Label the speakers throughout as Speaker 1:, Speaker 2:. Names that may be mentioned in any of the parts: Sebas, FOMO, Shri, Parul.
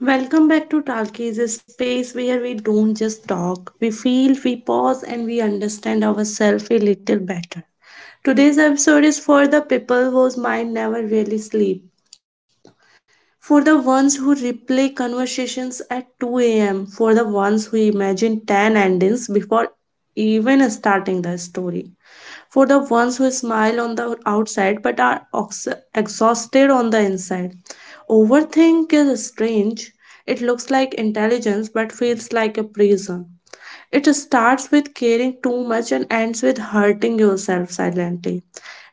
Speaker 1: Welcome back to Talk is a space where we don't just talk, we feel, we pause, and we understand ourselves a little better. Today's episode is for the people whose mind never really sleep, for the ones who replay conversations at 2 a.m., for the ones who imagine 10 endings before even starting the story, for the ones who smile on the outside but are exhausted on the inside. Overthink is strange. It looks like intelligence but feels like a prison. It starts with caring too much and ends with hurting yourself silently.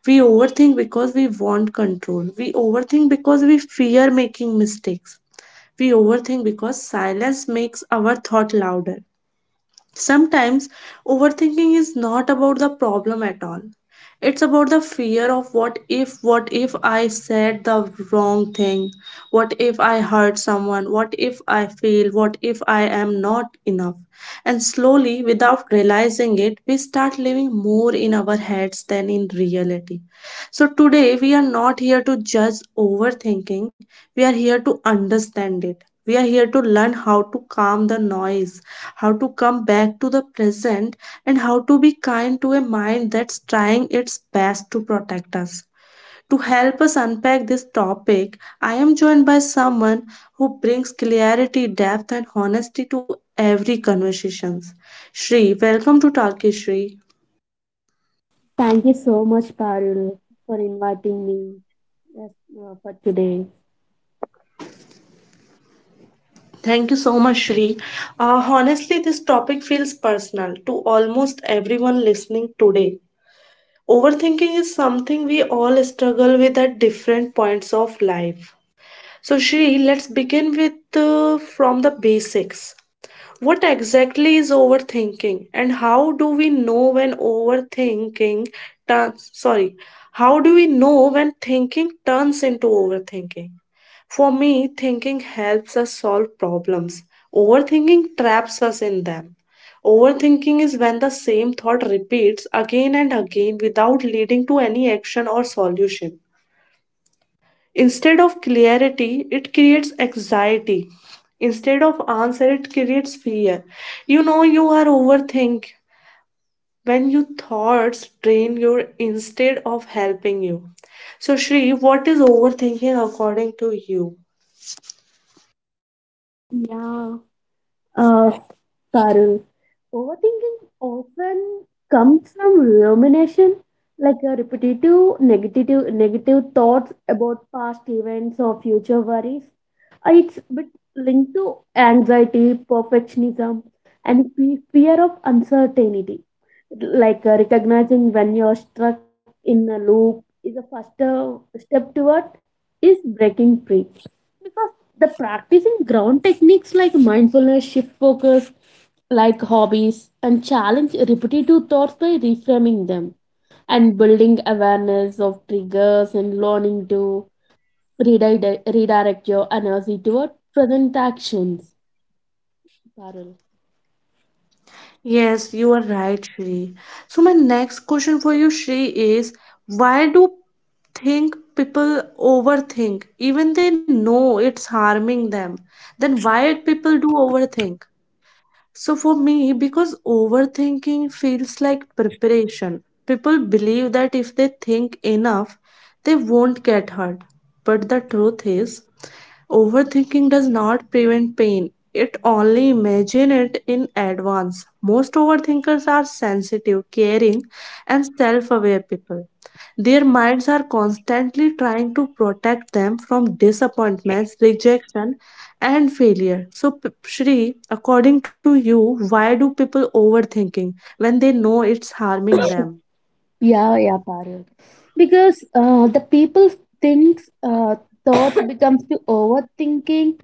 Speaker 1: We overthink because we want control. We overthink because we fear making mistakes. We overthink because silence makes our thought louder. Sometimes overthinking is not about the problem at all. It's about the fear of what if I said the wrong thing? What if I hurt someone? What if I fail? What if I am not enough? And slowly, without realizing it, we start living more in our heads than in reality. So today, we are not here to judge overthinking, we are here to understand it, we are here to learn how to calm the noise, how to come back to the present, and how to be kind to a mind that's trying its best to protect us. To help us unpack this topic, I am joined by someone who brings clarity, depth, and honesty to every conversation. Shri, welcome to Talkish Shri.
Speaker 2: Thank you so much, Parul, for inviting me yes, for today.
Speaker 1: Thank you so much, Shri. Honestly, this topic feels personal to almost everyone listening today. Overthinking is something we all struggle with at different points of life. So, Shri, let's begin with from the basics. What exactly is overthinking and how do we know when overthinking turns, sorry, how do we know when thinking turns into overthinking? For me, thinking helps us solve problems. Overthinking traps us in them. Overthinking is when the same thought repeats again and again without leading to any action or solution. Instead of clarity, it creates anxiety. Instead of answer, it creates fear. You know you are overthink when your thoughts drain you instead of helping you. So Shri, what is overthinking according to you?
Speaker 2: Yeah, uh, Parul, overthinking often comes from rumination, like a repetitive negative thoughts about past events or future worries. It's a bit linked to anxiety, perfectionism, and fear of uncertainty. Recognizing when you're stuck in a loop is a first step toward is breaking free. Because the practicing ground techniques like mindfulness, shift focus, like hobbies, and challenge repetitive thoughts by reframing them and building awareness of triggers and learning to redirect your energy toward present actions. Parul.
Speaker 1: Yes, you are right, Shri. So my next question for you, Shri, is why do think people overthink even they know it's harming them, then why people do overthink? So for me, because overthinking feels like preparation, people believe that if they think enough, they won't get hurt. But the truth is, overthinking does not prevent pain, it only imagine it in advance. Most overthinkers are sensitive, caring, and self aware people. Their minds are constantly trying to protect them from disappointments, rejection, and failure. So, Shri, according to you, why do people overthinking when they know it's harming them?
Speaker 2: Yeah, Parul, because the people thinks thoughts becomes to overthinking.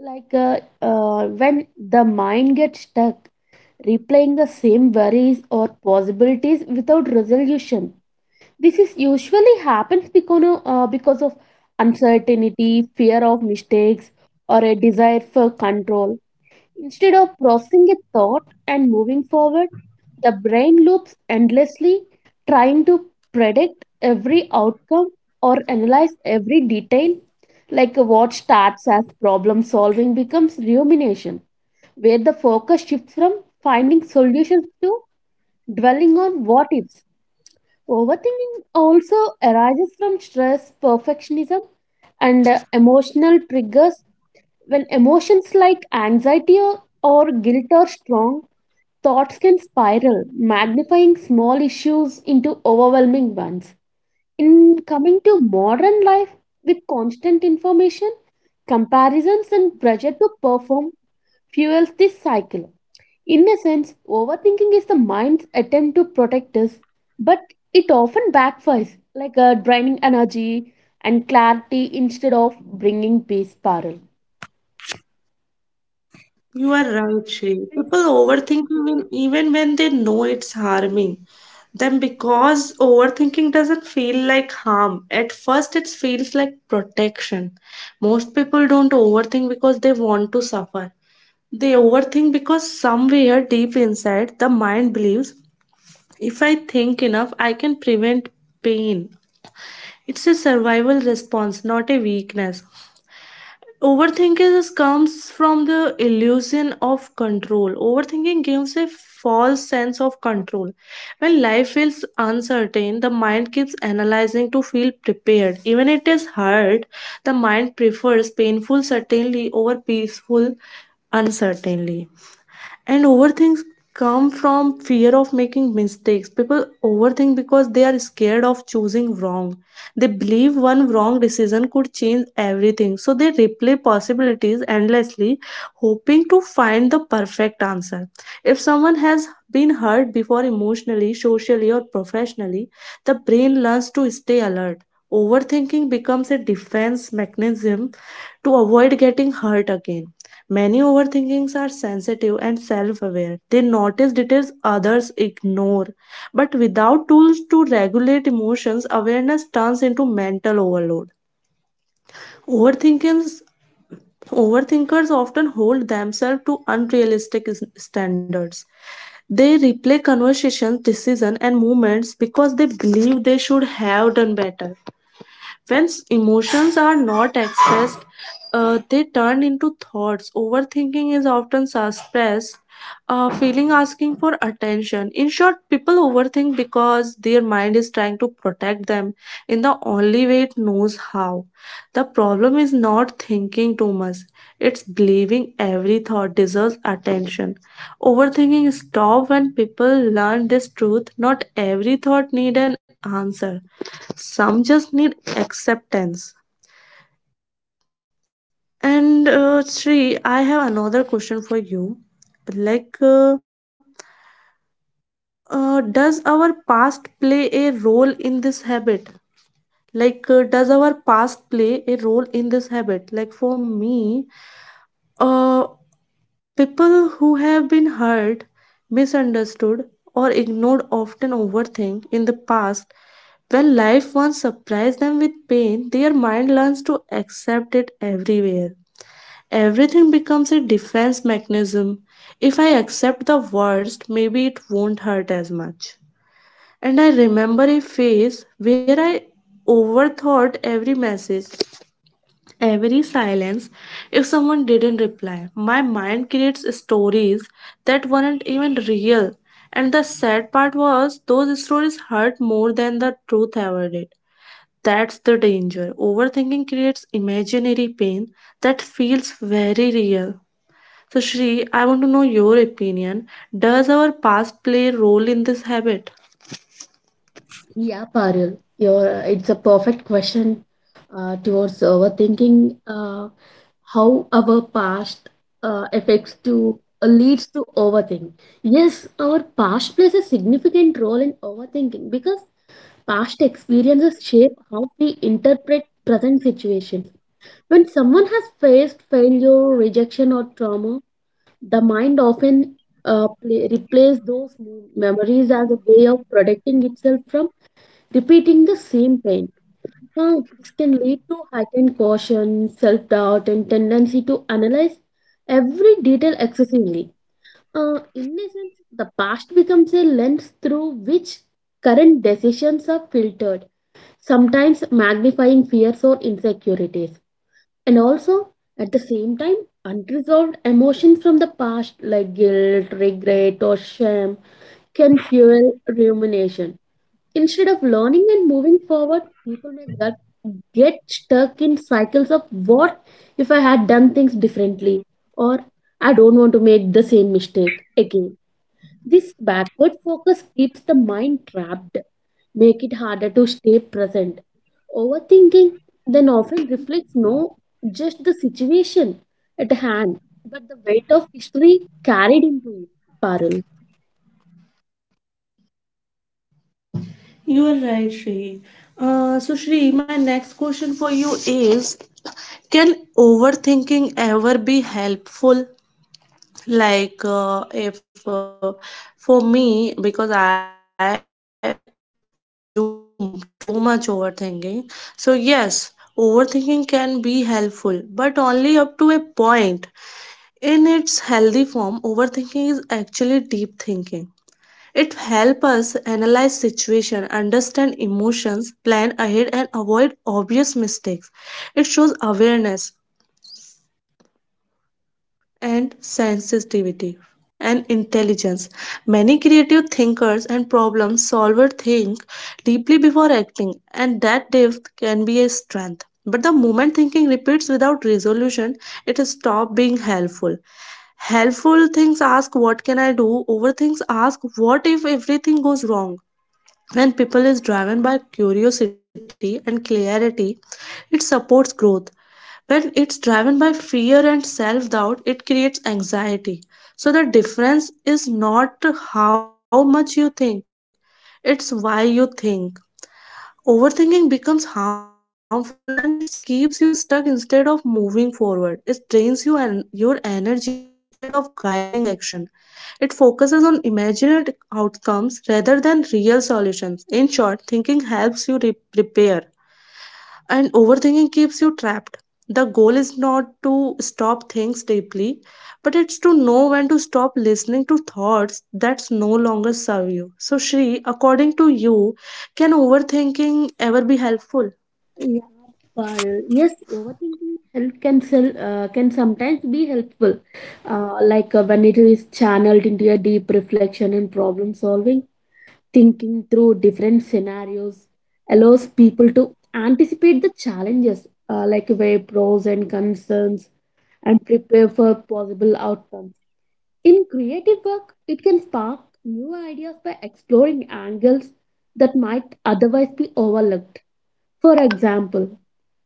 Speaker 2: When the mind gets stuck, replaying the same worries or possibilities without resolution. This is usually happens because of, because of uncertainty, fear of mistakes, or a desire for control. Instead of processing a thought and moving forward, the brain loops endlessly, trying to predict every outcome or analyze every detail. Like what starts as problem solving becomes rumination, where the focus shifts from finding solutions to dwelling on what ifs. Overthinking also arises from stress, perfectionism, and emotional triggers. When emotions like anxiety or guilt are strong, thoughts can spiral, magnifying small issues into overwhelming ones in coming to modern life with constant information, comparisons, and pressure to perform fuels this cycle. In a sense, overthinking is the mind's attempt to protect us, but it often backfires, draining energy and clarity instead of bringing peace, Parul.
Speaker 1: You are right, Shrey. People overthink even when they know it's harming them because overthinking doesn't feel like harm. At first, it feels like protection. Most people don't overthink because they want to suffer. They overthink because somewhere deep inside, the mind believes if I think enough, I can prevent pain. It's a survival response, not a weakness. Overthinking comes from the illusion of control. Overthinking gives a false sense of control. When life feels uncertain, the mind keeps analyzing to feel prepared. Even it is hard, the mind prefers painful certainty over peaceful uncertainty, and overthinks come from fear of making mistakes. People overthink because they are scared of choosing wrong. They believe one wrong decision could change everything, so they replay possibilities endlessly, hoping to find the perfect answer. If someone has been hurt before emotionally, socially, or professionally, the brain learns to stay alert. Overthinking becomes a defense mechanism to avoid getting hurt again. Many overthinkings are sensitive and self aware. They notice details others ignore. But without tools to regulate emotions, awareness turns into mental overload. Overthinkings, overthinkers often hold themselves to unrealistic standards. They replay conversations, decisions, and movements because they believe they should have done better. When emotions are not expressed, they turn into thoughts. Overthinking is often suppressed, feeling asking for attention. In short, people overthink because their mind is trying to protect them in the only way it knows how. The problem is not thinking too much, it's believing every thought deserves attention. Overthinking stops when people learn this truth, not every thought needs an answer, some just need acceptance. And Sri, I have another question for you. Like does our past play a role in this habit? Like does our past play a role in this habit? Like for me, uh, people who have been hurt, misunderstood, or ignored often overthink in the past. When life once surprised them with pain, their mind learns to accept it everywhere. Everything becomes a defense mechanism. If I accept the worst, maybe it won't hurt as much. And I remember a phase where I overthought every message, every silence. If someone didn't reply, my mind creates stories that weren't even real. And the sad part was, those stories hurt more than the truth ever did. That's the danger. Overthinking creates imaginary pain that feels very real. So, Shri, I want to know your opinion. Does our past play a role in this habit?
Speaker 2: Yeah, Parul, your it's a perfect question towards overthinking how our past affects to leads to overthink? Yes, our past plays a significant role in overthinking because past experiences shape how we interpret present situations. When someone has faced failure, rejection, or trauma, the mind often replays those memories as a way of protecting itself from repeating the same pain. Huh, this can lead to heightened caution, self doubt, and tendency to analyze every detail excessively. In essence, the past becomes a lens through which current decisions are filtered, sometimes magnifying fears or insecurities. And also, at the same time, unresolved emotions from the past like guilt, regret, or shame can fuel rumination. Instead of learning and moving forward, people may get stuck in cycles of what if I had done things differently or I don't want to make the same mistake again. This backward focus keeps the mind trapped, make it harder to stay present. Overthinking then often reflects no just the situation at hand, but the weight of history carried into it. Parul.
Speaker 1: You are right, Shri. So, Shri, my next question for you is, can overthinking ever be helpful? Like, if for me, because I do too much overthinking, so yes, overthinking can be helpful, but only up to a point. In its healthy form, overthinking is actually deep thinking. It helps us analyze situation, understand emotions, plan ahead and avoid obvious mistakes. It shows awareness and sensitivity and intelligence. Many creative thinkers and problem solvers think deeply before acting, and that depth can be a strength. But the moment thinking repeats without resolution, it stops being helpful. Helpful things ask what can I do, overthings ask what if everything goes wrong. When people is driven by curiosity and clarity, it supports growth. When it's driven by fear and self doubt, it creates anxiety. So the difference is not how much you think, it's why you think. Overthinking becomes harmful when it keeps you stuck instead of moving forward. It drains you and your energy instead of guiding action. It focuses on imagined outcomes rather than real solutions. In short, thinking helps you prepare, and overthinking keeps you trapped. The goal is not to stop things deeply, but it's to know when to stop listening to thoughts that no longer serve you. So, Shri, according to you, can overthinking ever be helpful?
Speaker 2: Yeah, but Yes, overthinking help can can sometimes be helpful, when it is channeled into a deep reflection and problem solving. Thinking through different scenarios allows people to anticipate the challenges, weigh pros and concerns, and prepare for possible outcomes. In creative work, it can spark new ideas by exploring angles that might otherwise be overlooked. For example,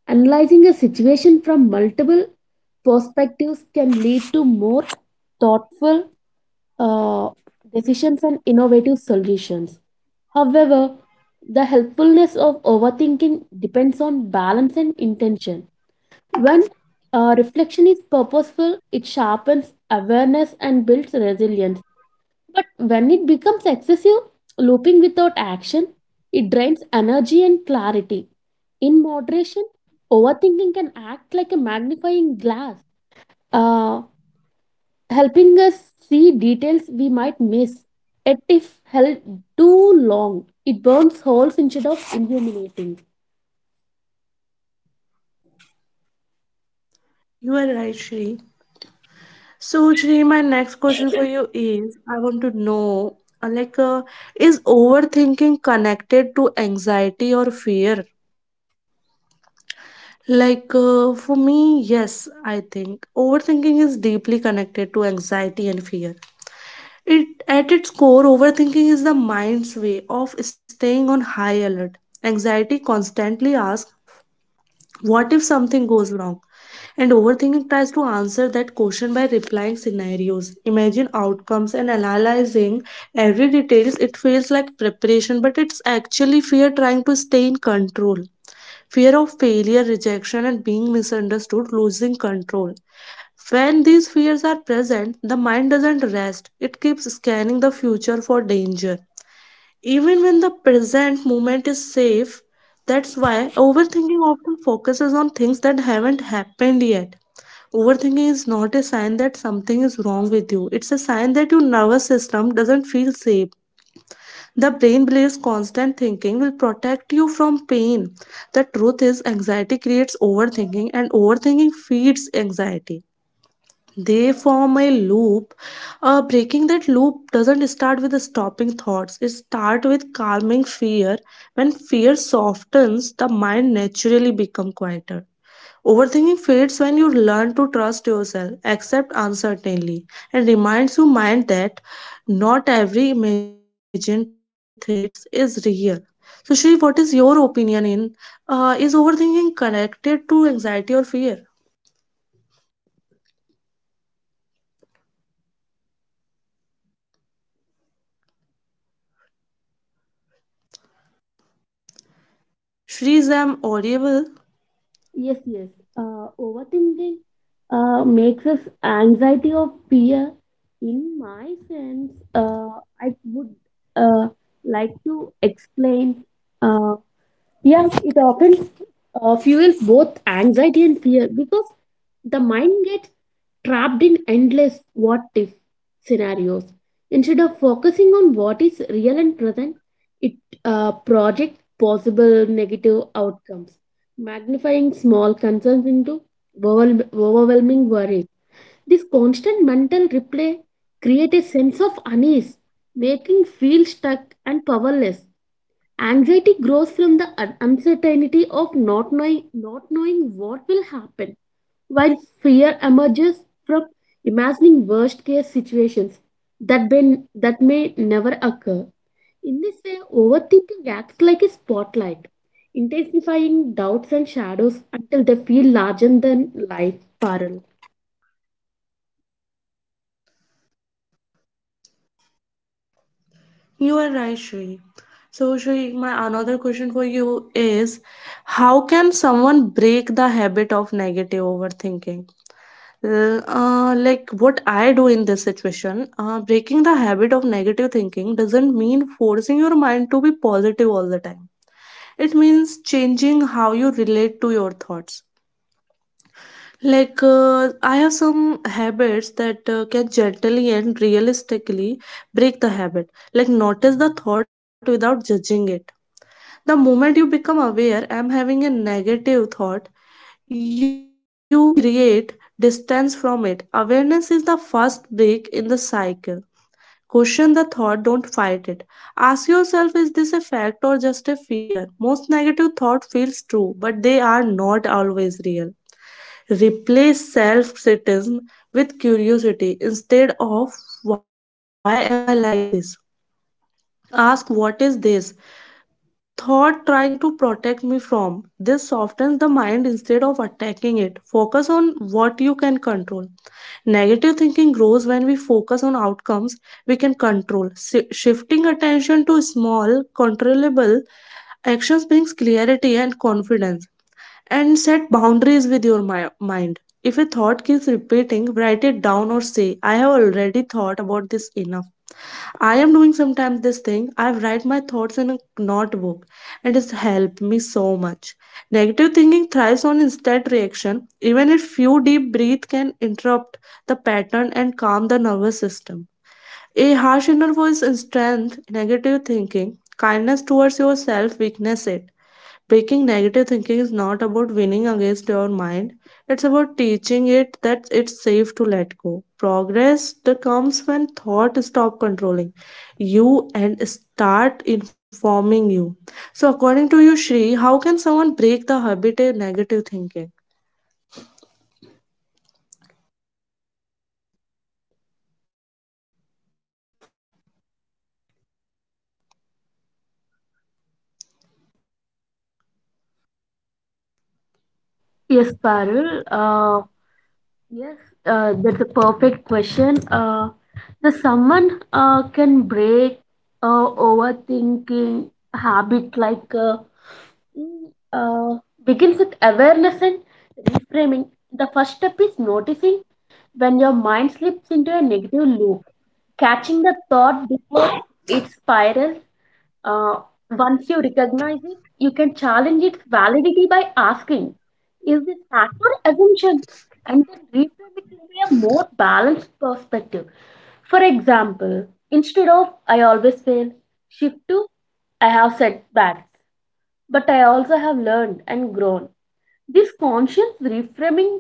Speaker 2: analyzing a situation from multiple perspectives can lead to more thoughtful uh, decisions and innovative solutions. However, the helpfulness of overthinking depends on balance and intention. When reflection is purposeful, it sharpens awareness and builds resilience. But when it becomes excessive, looping without action, it drains energy and clarity. In moderation, overthinking can act like a magnifying glass, uh, helping us see details we might miss. Yet, if held too long, it burns holes instead of illuminating.
Speaker 1: You are right, Shri. So, Shri, my next question for you is, I want to know, like, is overthinking connected to anxiety or fear? Like for me, yes, I think overthinking is deeply connected to anxiety and fear. It at its core, overthinking is the mind's way of staying on high alert. Anxiety constantly asks, "What if something goes wrong?" and overthinking tries to answer that question by replying scenarios, imagine outcomes, and analyzing every detail. It feels like preparation, but it's actually fear trying to stay in control, fear of failure, rejection, and being misunderstood, losing control. When these fears are present, the mind doesn't rest, it keeps scanning the future for danger. Even when the present moment is safe, that's why overthinking often focuses on things that haven't happened yet. Overthinking is not a sign that something is wrong with you. It's a sign that your nervous system doesn't feel safe. The brain believes constant thinking will protect you from pain. The truth is, anxiety creates overthinking, and overthinking feeds anxiety. They form a loop. Breaking that loop doesn't start with stopping thoughts, it starts with calming fear. When fear softens, the mind naturally becomes quieter. Overthinking fades when you learn to trust yourself, accept uncertainty, and reminds your mind that not every imagined threat is real. So, Shri, what is your opinion in is overthinking connected to anxiety or fear? Shri, is am audible?
Speaker 2: Yes, yes. Overthinking makes us anxiety or fear. In my sense, I would uh, like to explain. Uh, yeah, it often fuels both anxiety and fear because the mind gets trapped in endless what if scenarios. Instead of focusing on what is real and present, it projects possible negative outcomes, magnifying small concerns into overwhelming worries. This constant mental replay creates a sense of unease, making feel stuck and powerless. Anxiety grows from the uncertainty of not knowing, not knowing what will happen, while fear emerges from imagining worst case situations that may never occur. In this way, overthinking acts like a spotlight, intensifying doubts and shadows until they feel larger than life. Parul.
Speaker 1: You are right, Shri. So, Shri, my another question for you is, how can someone break the habit of negative overthinking? Like what I do in this situation, breaking the habit of negative thinking doesn't mean forcing your mind to be positive all the time. It means changing how you relate to your thoughts. Like, I have some habits that can gently and realistically break the habit. Like, notice the thought without judging it. The moment you become aware, I'm having a negative thought, you create distance from it. Awareness is the first break in the cycle. Question the thought, don't fight it. Ask yourself, is this a fact or just a fear? Most negative thought feels true, but they are not always real. Replace self criticism with curiosity. Instead of why am I like this? Ask what is this thought trying to protect me from? This softens the mind instead of attacking it. Focus on what you can control. Negative thinking grows when we focus on outcomes we can control. Shifting attention to small, controllable actions brings clarity and confidence. And set boundaries with your mind. If a thought keeps repeating, write it down or say, I have already thought about this enough. I am doing sometimes this thing. I write my thoughts in a notebook, and it's helped me so much. Negative thinking thrives on instant reaction. Even a few deep breath can interrupt the pattern and calm the nervous system. A harsh inner voice strength negative thinking. Kindness towards yourself weakness it. Breaking negative thinking is not about winning against your mind, it's about teaching it that it's safe to let go. Progress that comes when thought stop controlling you and start informing you. So according to you, Shri, how can someone break the habit of negative thinking?
Speaker 2: Yes, Parul. Uh, yes, that's a perfect question. The someone can break overthinking habit mm, uh, begins with awareness and reframing. The first step is noticing when your mind slips into a negative loop, catching the thought before it spirals. uh, Once you recognize it, you can challenge its validity by asking, is this fact or assumption? And then reframe it into a more balanced perspective. For example, instead of I always fail, shift to I have setbacks, but I also have learned and grown. This conscious reframing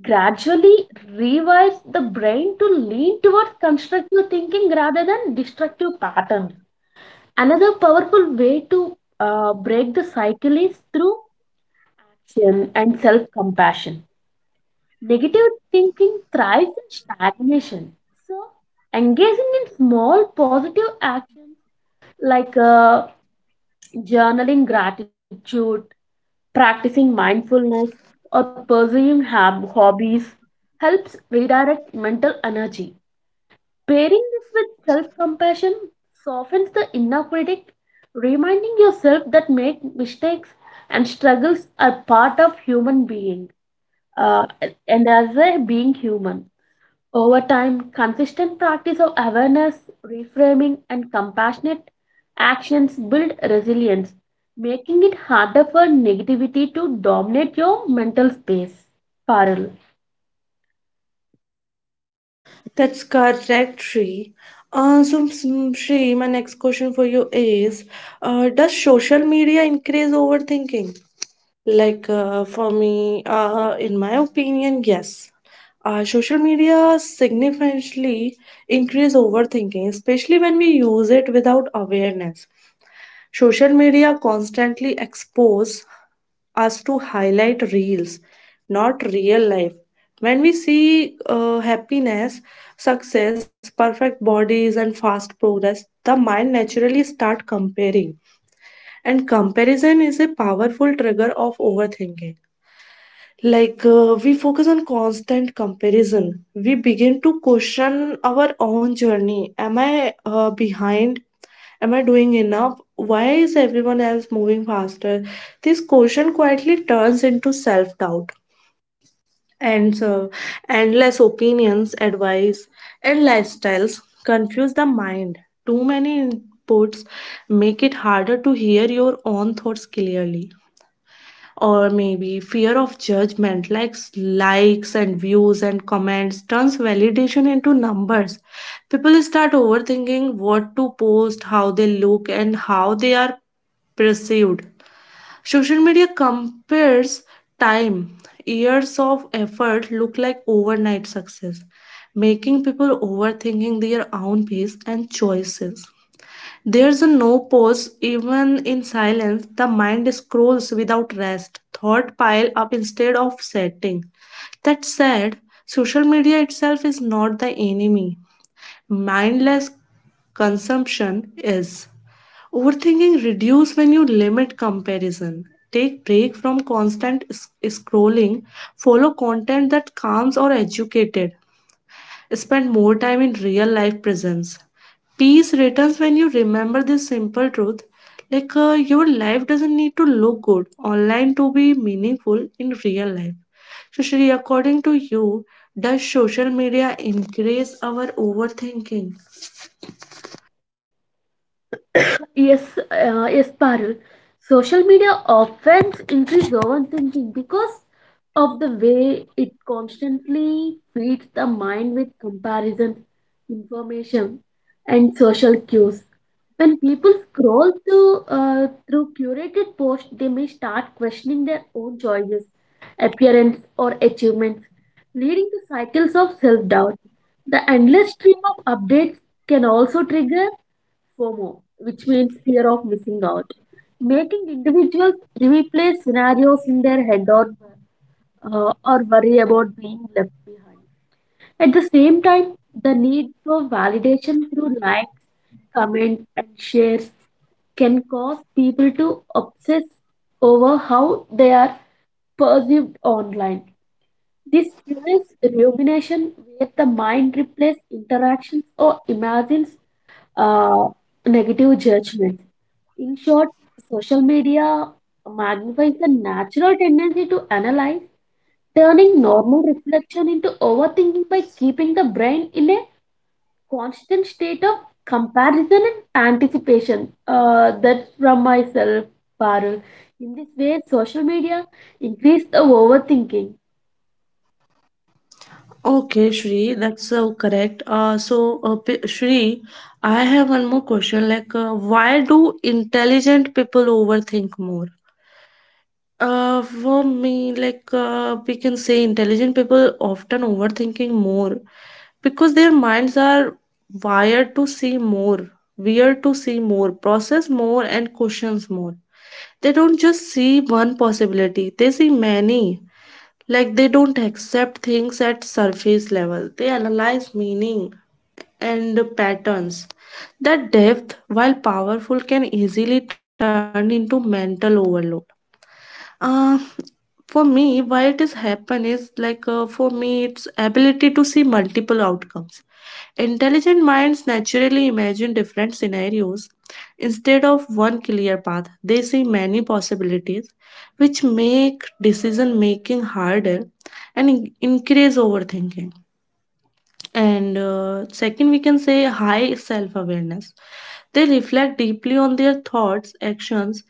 Speaker 2: gradually rewires the brain to lean towards constructive thinking rather than destructive patterns. Another powerful way to break the cycle is through action and self compassion. Negative thinking thrives in stagnation. So, engaging in small positive actions like uh, journaling gratitude, practicing mindfulness, or pursuing hobbies helps redirect mental energy. Pairing this with self compassion softens the inner critic, reminding yourself that make mistakes and struggles are part of human being uh, and as a being human. Over time, consistent practice of awareness, reframing, and compassionate actions build resilience, making it harder for negativity to dominate your mental space. Parul.
Speaker 1: That's correct, Shri. Shri, my next question for you is, does social media increase overthinking? Like for me, in my opinion, yes. Social media significantly increase overthinking, especially when we use it without awareness. Social media constantly expose us to highlight reels, not real life. When we see happiness, success, perfect bodies, and fast progress, the mind naturally start comparing. And comparison is a powerful trigger of overthinking. Like we focus on constant comparison, we begin to question our own journey. Am I behind? Am I doing enough? Why is everyone else moving faster? This question quietly turns into self doubt. And endless opinions, advice, and lifestyles confuse the mind. Too many inputs make it harder to hear your own thoughts clearly. Or maybe fear of judgment, like likes and views and comments turns validation into numbers. People start overthinking what to post, how they look, and how they are perceived. Social media compares time. Years of effort look like overnight success, making people overthinking their own pace and choices. There's a no pause, even in silence. The mind scrolls without rest. Thought pile up instead of setting. That said, social media itself is not the enemy. Mindless consumption is. Overthinking reduce when you limit comparison. Take break from constant scrolling. Follow content that calms or educated. Spend more time in real life presence. Peace returns when you remember this simple truth. Like your life doesn't need to look good online to be meaningful in real life. So, Shri, according to you, does social media increase our overthinking?
Speaker 2: Yes, Parul, social media often increases overthinking because of the way it constantly feeds the mind with comparison, information, and social cues. When people scroll through, through curated posts, they may start questioning their own choices, appearance, or achievements, leading to cycles of self doubt. The endless stream of updates can also trigger FOMO, which means fear of missing out, making individuals replay scenarios in their head or worry about being left behind. At the same time, the need for validation through likes, comments, and shares can cause people to obsess over how they are perceived online. This fuels rumination where the mind replaces interactions or imagines uh, negative judgments. In short, social media magnifies the natural tendency to analyze, turning normal reflection into overthinking by keeping the brain in a constant state of comparison and anticipation. That's from myself, Parul. In this way, social media increase the overthinking.
Speaker 1: Okay, Shri, that's so correct. Shri, I have one more question. Like, why do intelligent people overthink more? For me, like we can say, intelligent people often overthinking more because their minds are wired to see more, weird to see more, process more, and questions more. They don't just see one possibility; they see many. Like they don't accept things at surface level. They analyze meaning and patterns. That depth, while powerful, can easily turn into mental overload. Uh, for me, why it is happen is like for me, it's ability to see multiple outcomes. Intelligent minds naturally imagine different scenarios instead of one clear path. They see many possibilities, which make decision making harder and increase overthinking. And second, we can say high self awareness. They reflect deeply on their thoughts, actions,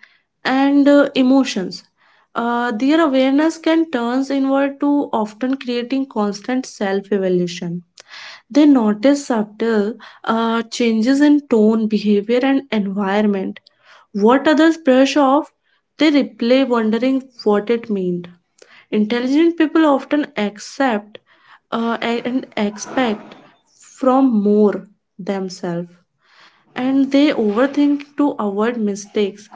Speaker 1: and emotions. Their awareness can turn inward to often creating constant self evaluation. They notice subtle changes in tone, behavior, and environment. What others brush off, they replay, wondering what it meant. Intelligent people often accept and expect from more themselves, and they overthink to avoid mistakes,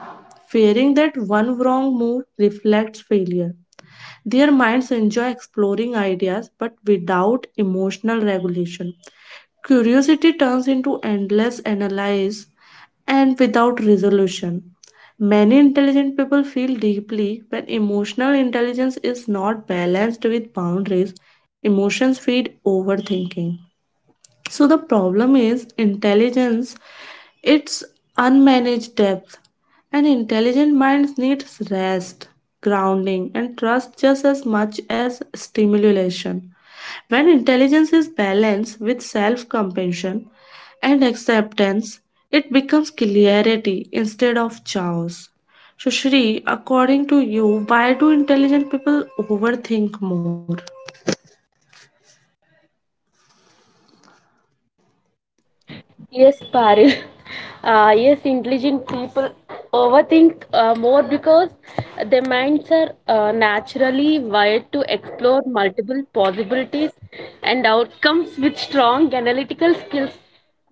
Speaker 1: fearing that one wrong move reflects failure. Their minds enjoy exploring ideas but without emotional regulation. Curiosity turns into endless analysis and without resolution. Many intelligent people feel deeply when emotional intelligence is not balanced with boundaries. Emotions feed overthinking. So the problem is intelligence, it's unmanaged depth. And intelligent minds needs rest, grounding, and trust just as much as stimulation. When intelligence is balanced with self-compassion and acceptance, it becomes clarity instead of chaos. So Shri, according to you, why do intelligent people overthink more?
Speaker 2: Yes, Paril. Yes, intelligent people overthink more because their minds are naturally wired to explore multiple possibilities and outcomes with strong analytical skills.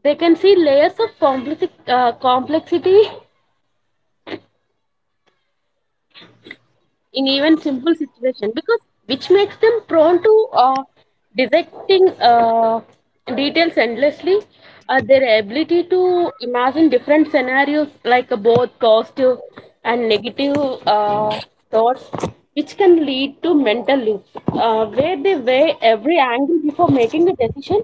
Speaker 2: They can see layers of complexity in even simple situation because which makes them prone to dissecting details endlessly. Their ability to imagine different scenarios, both positive and negative uh, thoughts, which can lead to mental loops where they weigh every angle before making a decision,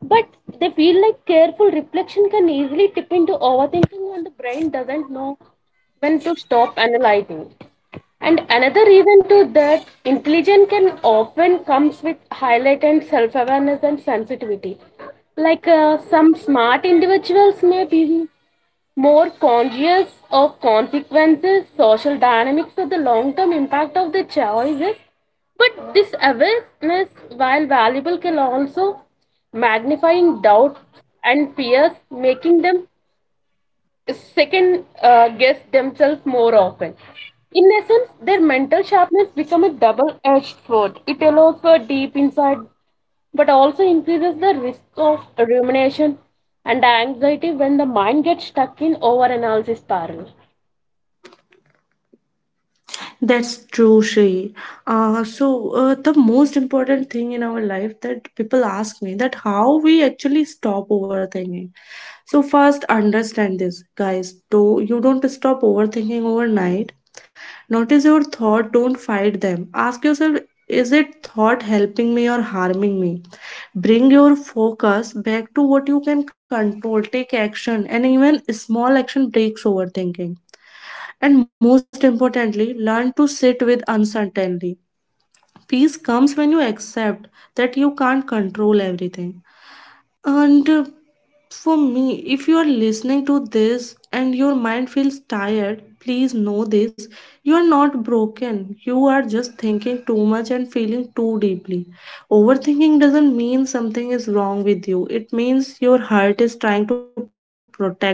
Speaker 2: but they feel like careful reflection can easily tip into overthinking when the brain doesn't know when to stop analyzing. And another reason to that, intelligence can often comes with highlighted self-awareness and sensitivity. Some smart individuals may be more conscious of consequences, social dynamics, or the long-term impact of the choices. But this awareness, while valuable, can also magnifying in doubt and fears, making them second guess themselves more often. In essence, their mental sharpness becomes a double-edged sword. It allows for deep insight, but also increases the risk of rumination and anxiety when the mind gets stuck in over-analysis parallel.
Speaker 1: That's true, Shri. The most important thing in our life that people ask me that how we actually stop overthinking. So first, understand this, guys. Do you don't stop overthinking overnight. Notice your thought. Don't fight them. Ask yourself, is it thought helping me or harming me? Bring your focus back to what you can control. Take action, and even small action breaks overthinking. And most importantly, learn to sit with uncertainty. Peace comes when you accept that you can't control everything. And for me, if you are listening to this and your mind feels tired, please know this, you are not broken. You are just thinking too much and feeling too deeply. Overthinking doesn't mean something is wrong with you, it means your heart is trying to protect itself.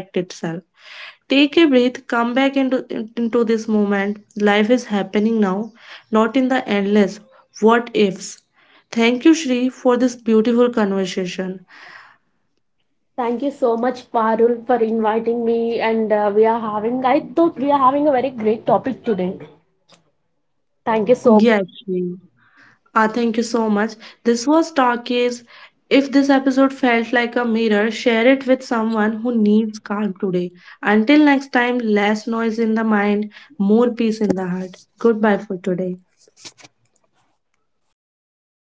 Speaker 1: Take a breath, come back into, into this moment. Life is happening now, not in the endless what ifs. Thank you, Shri, for this beautiful conversation.
Speaker 2: Thank you so much, Parul, for inviting me. And We are having, I thought we are having a very great topic today. Thank you so much.
Speaker 1: Yes, Shri. Ah, thank you so much. This was Talkies. If this episode felt like a mirror, share it with someone who needs calm today. Until next time, less noise in the mind, more peace in the heart. Goodbye for today.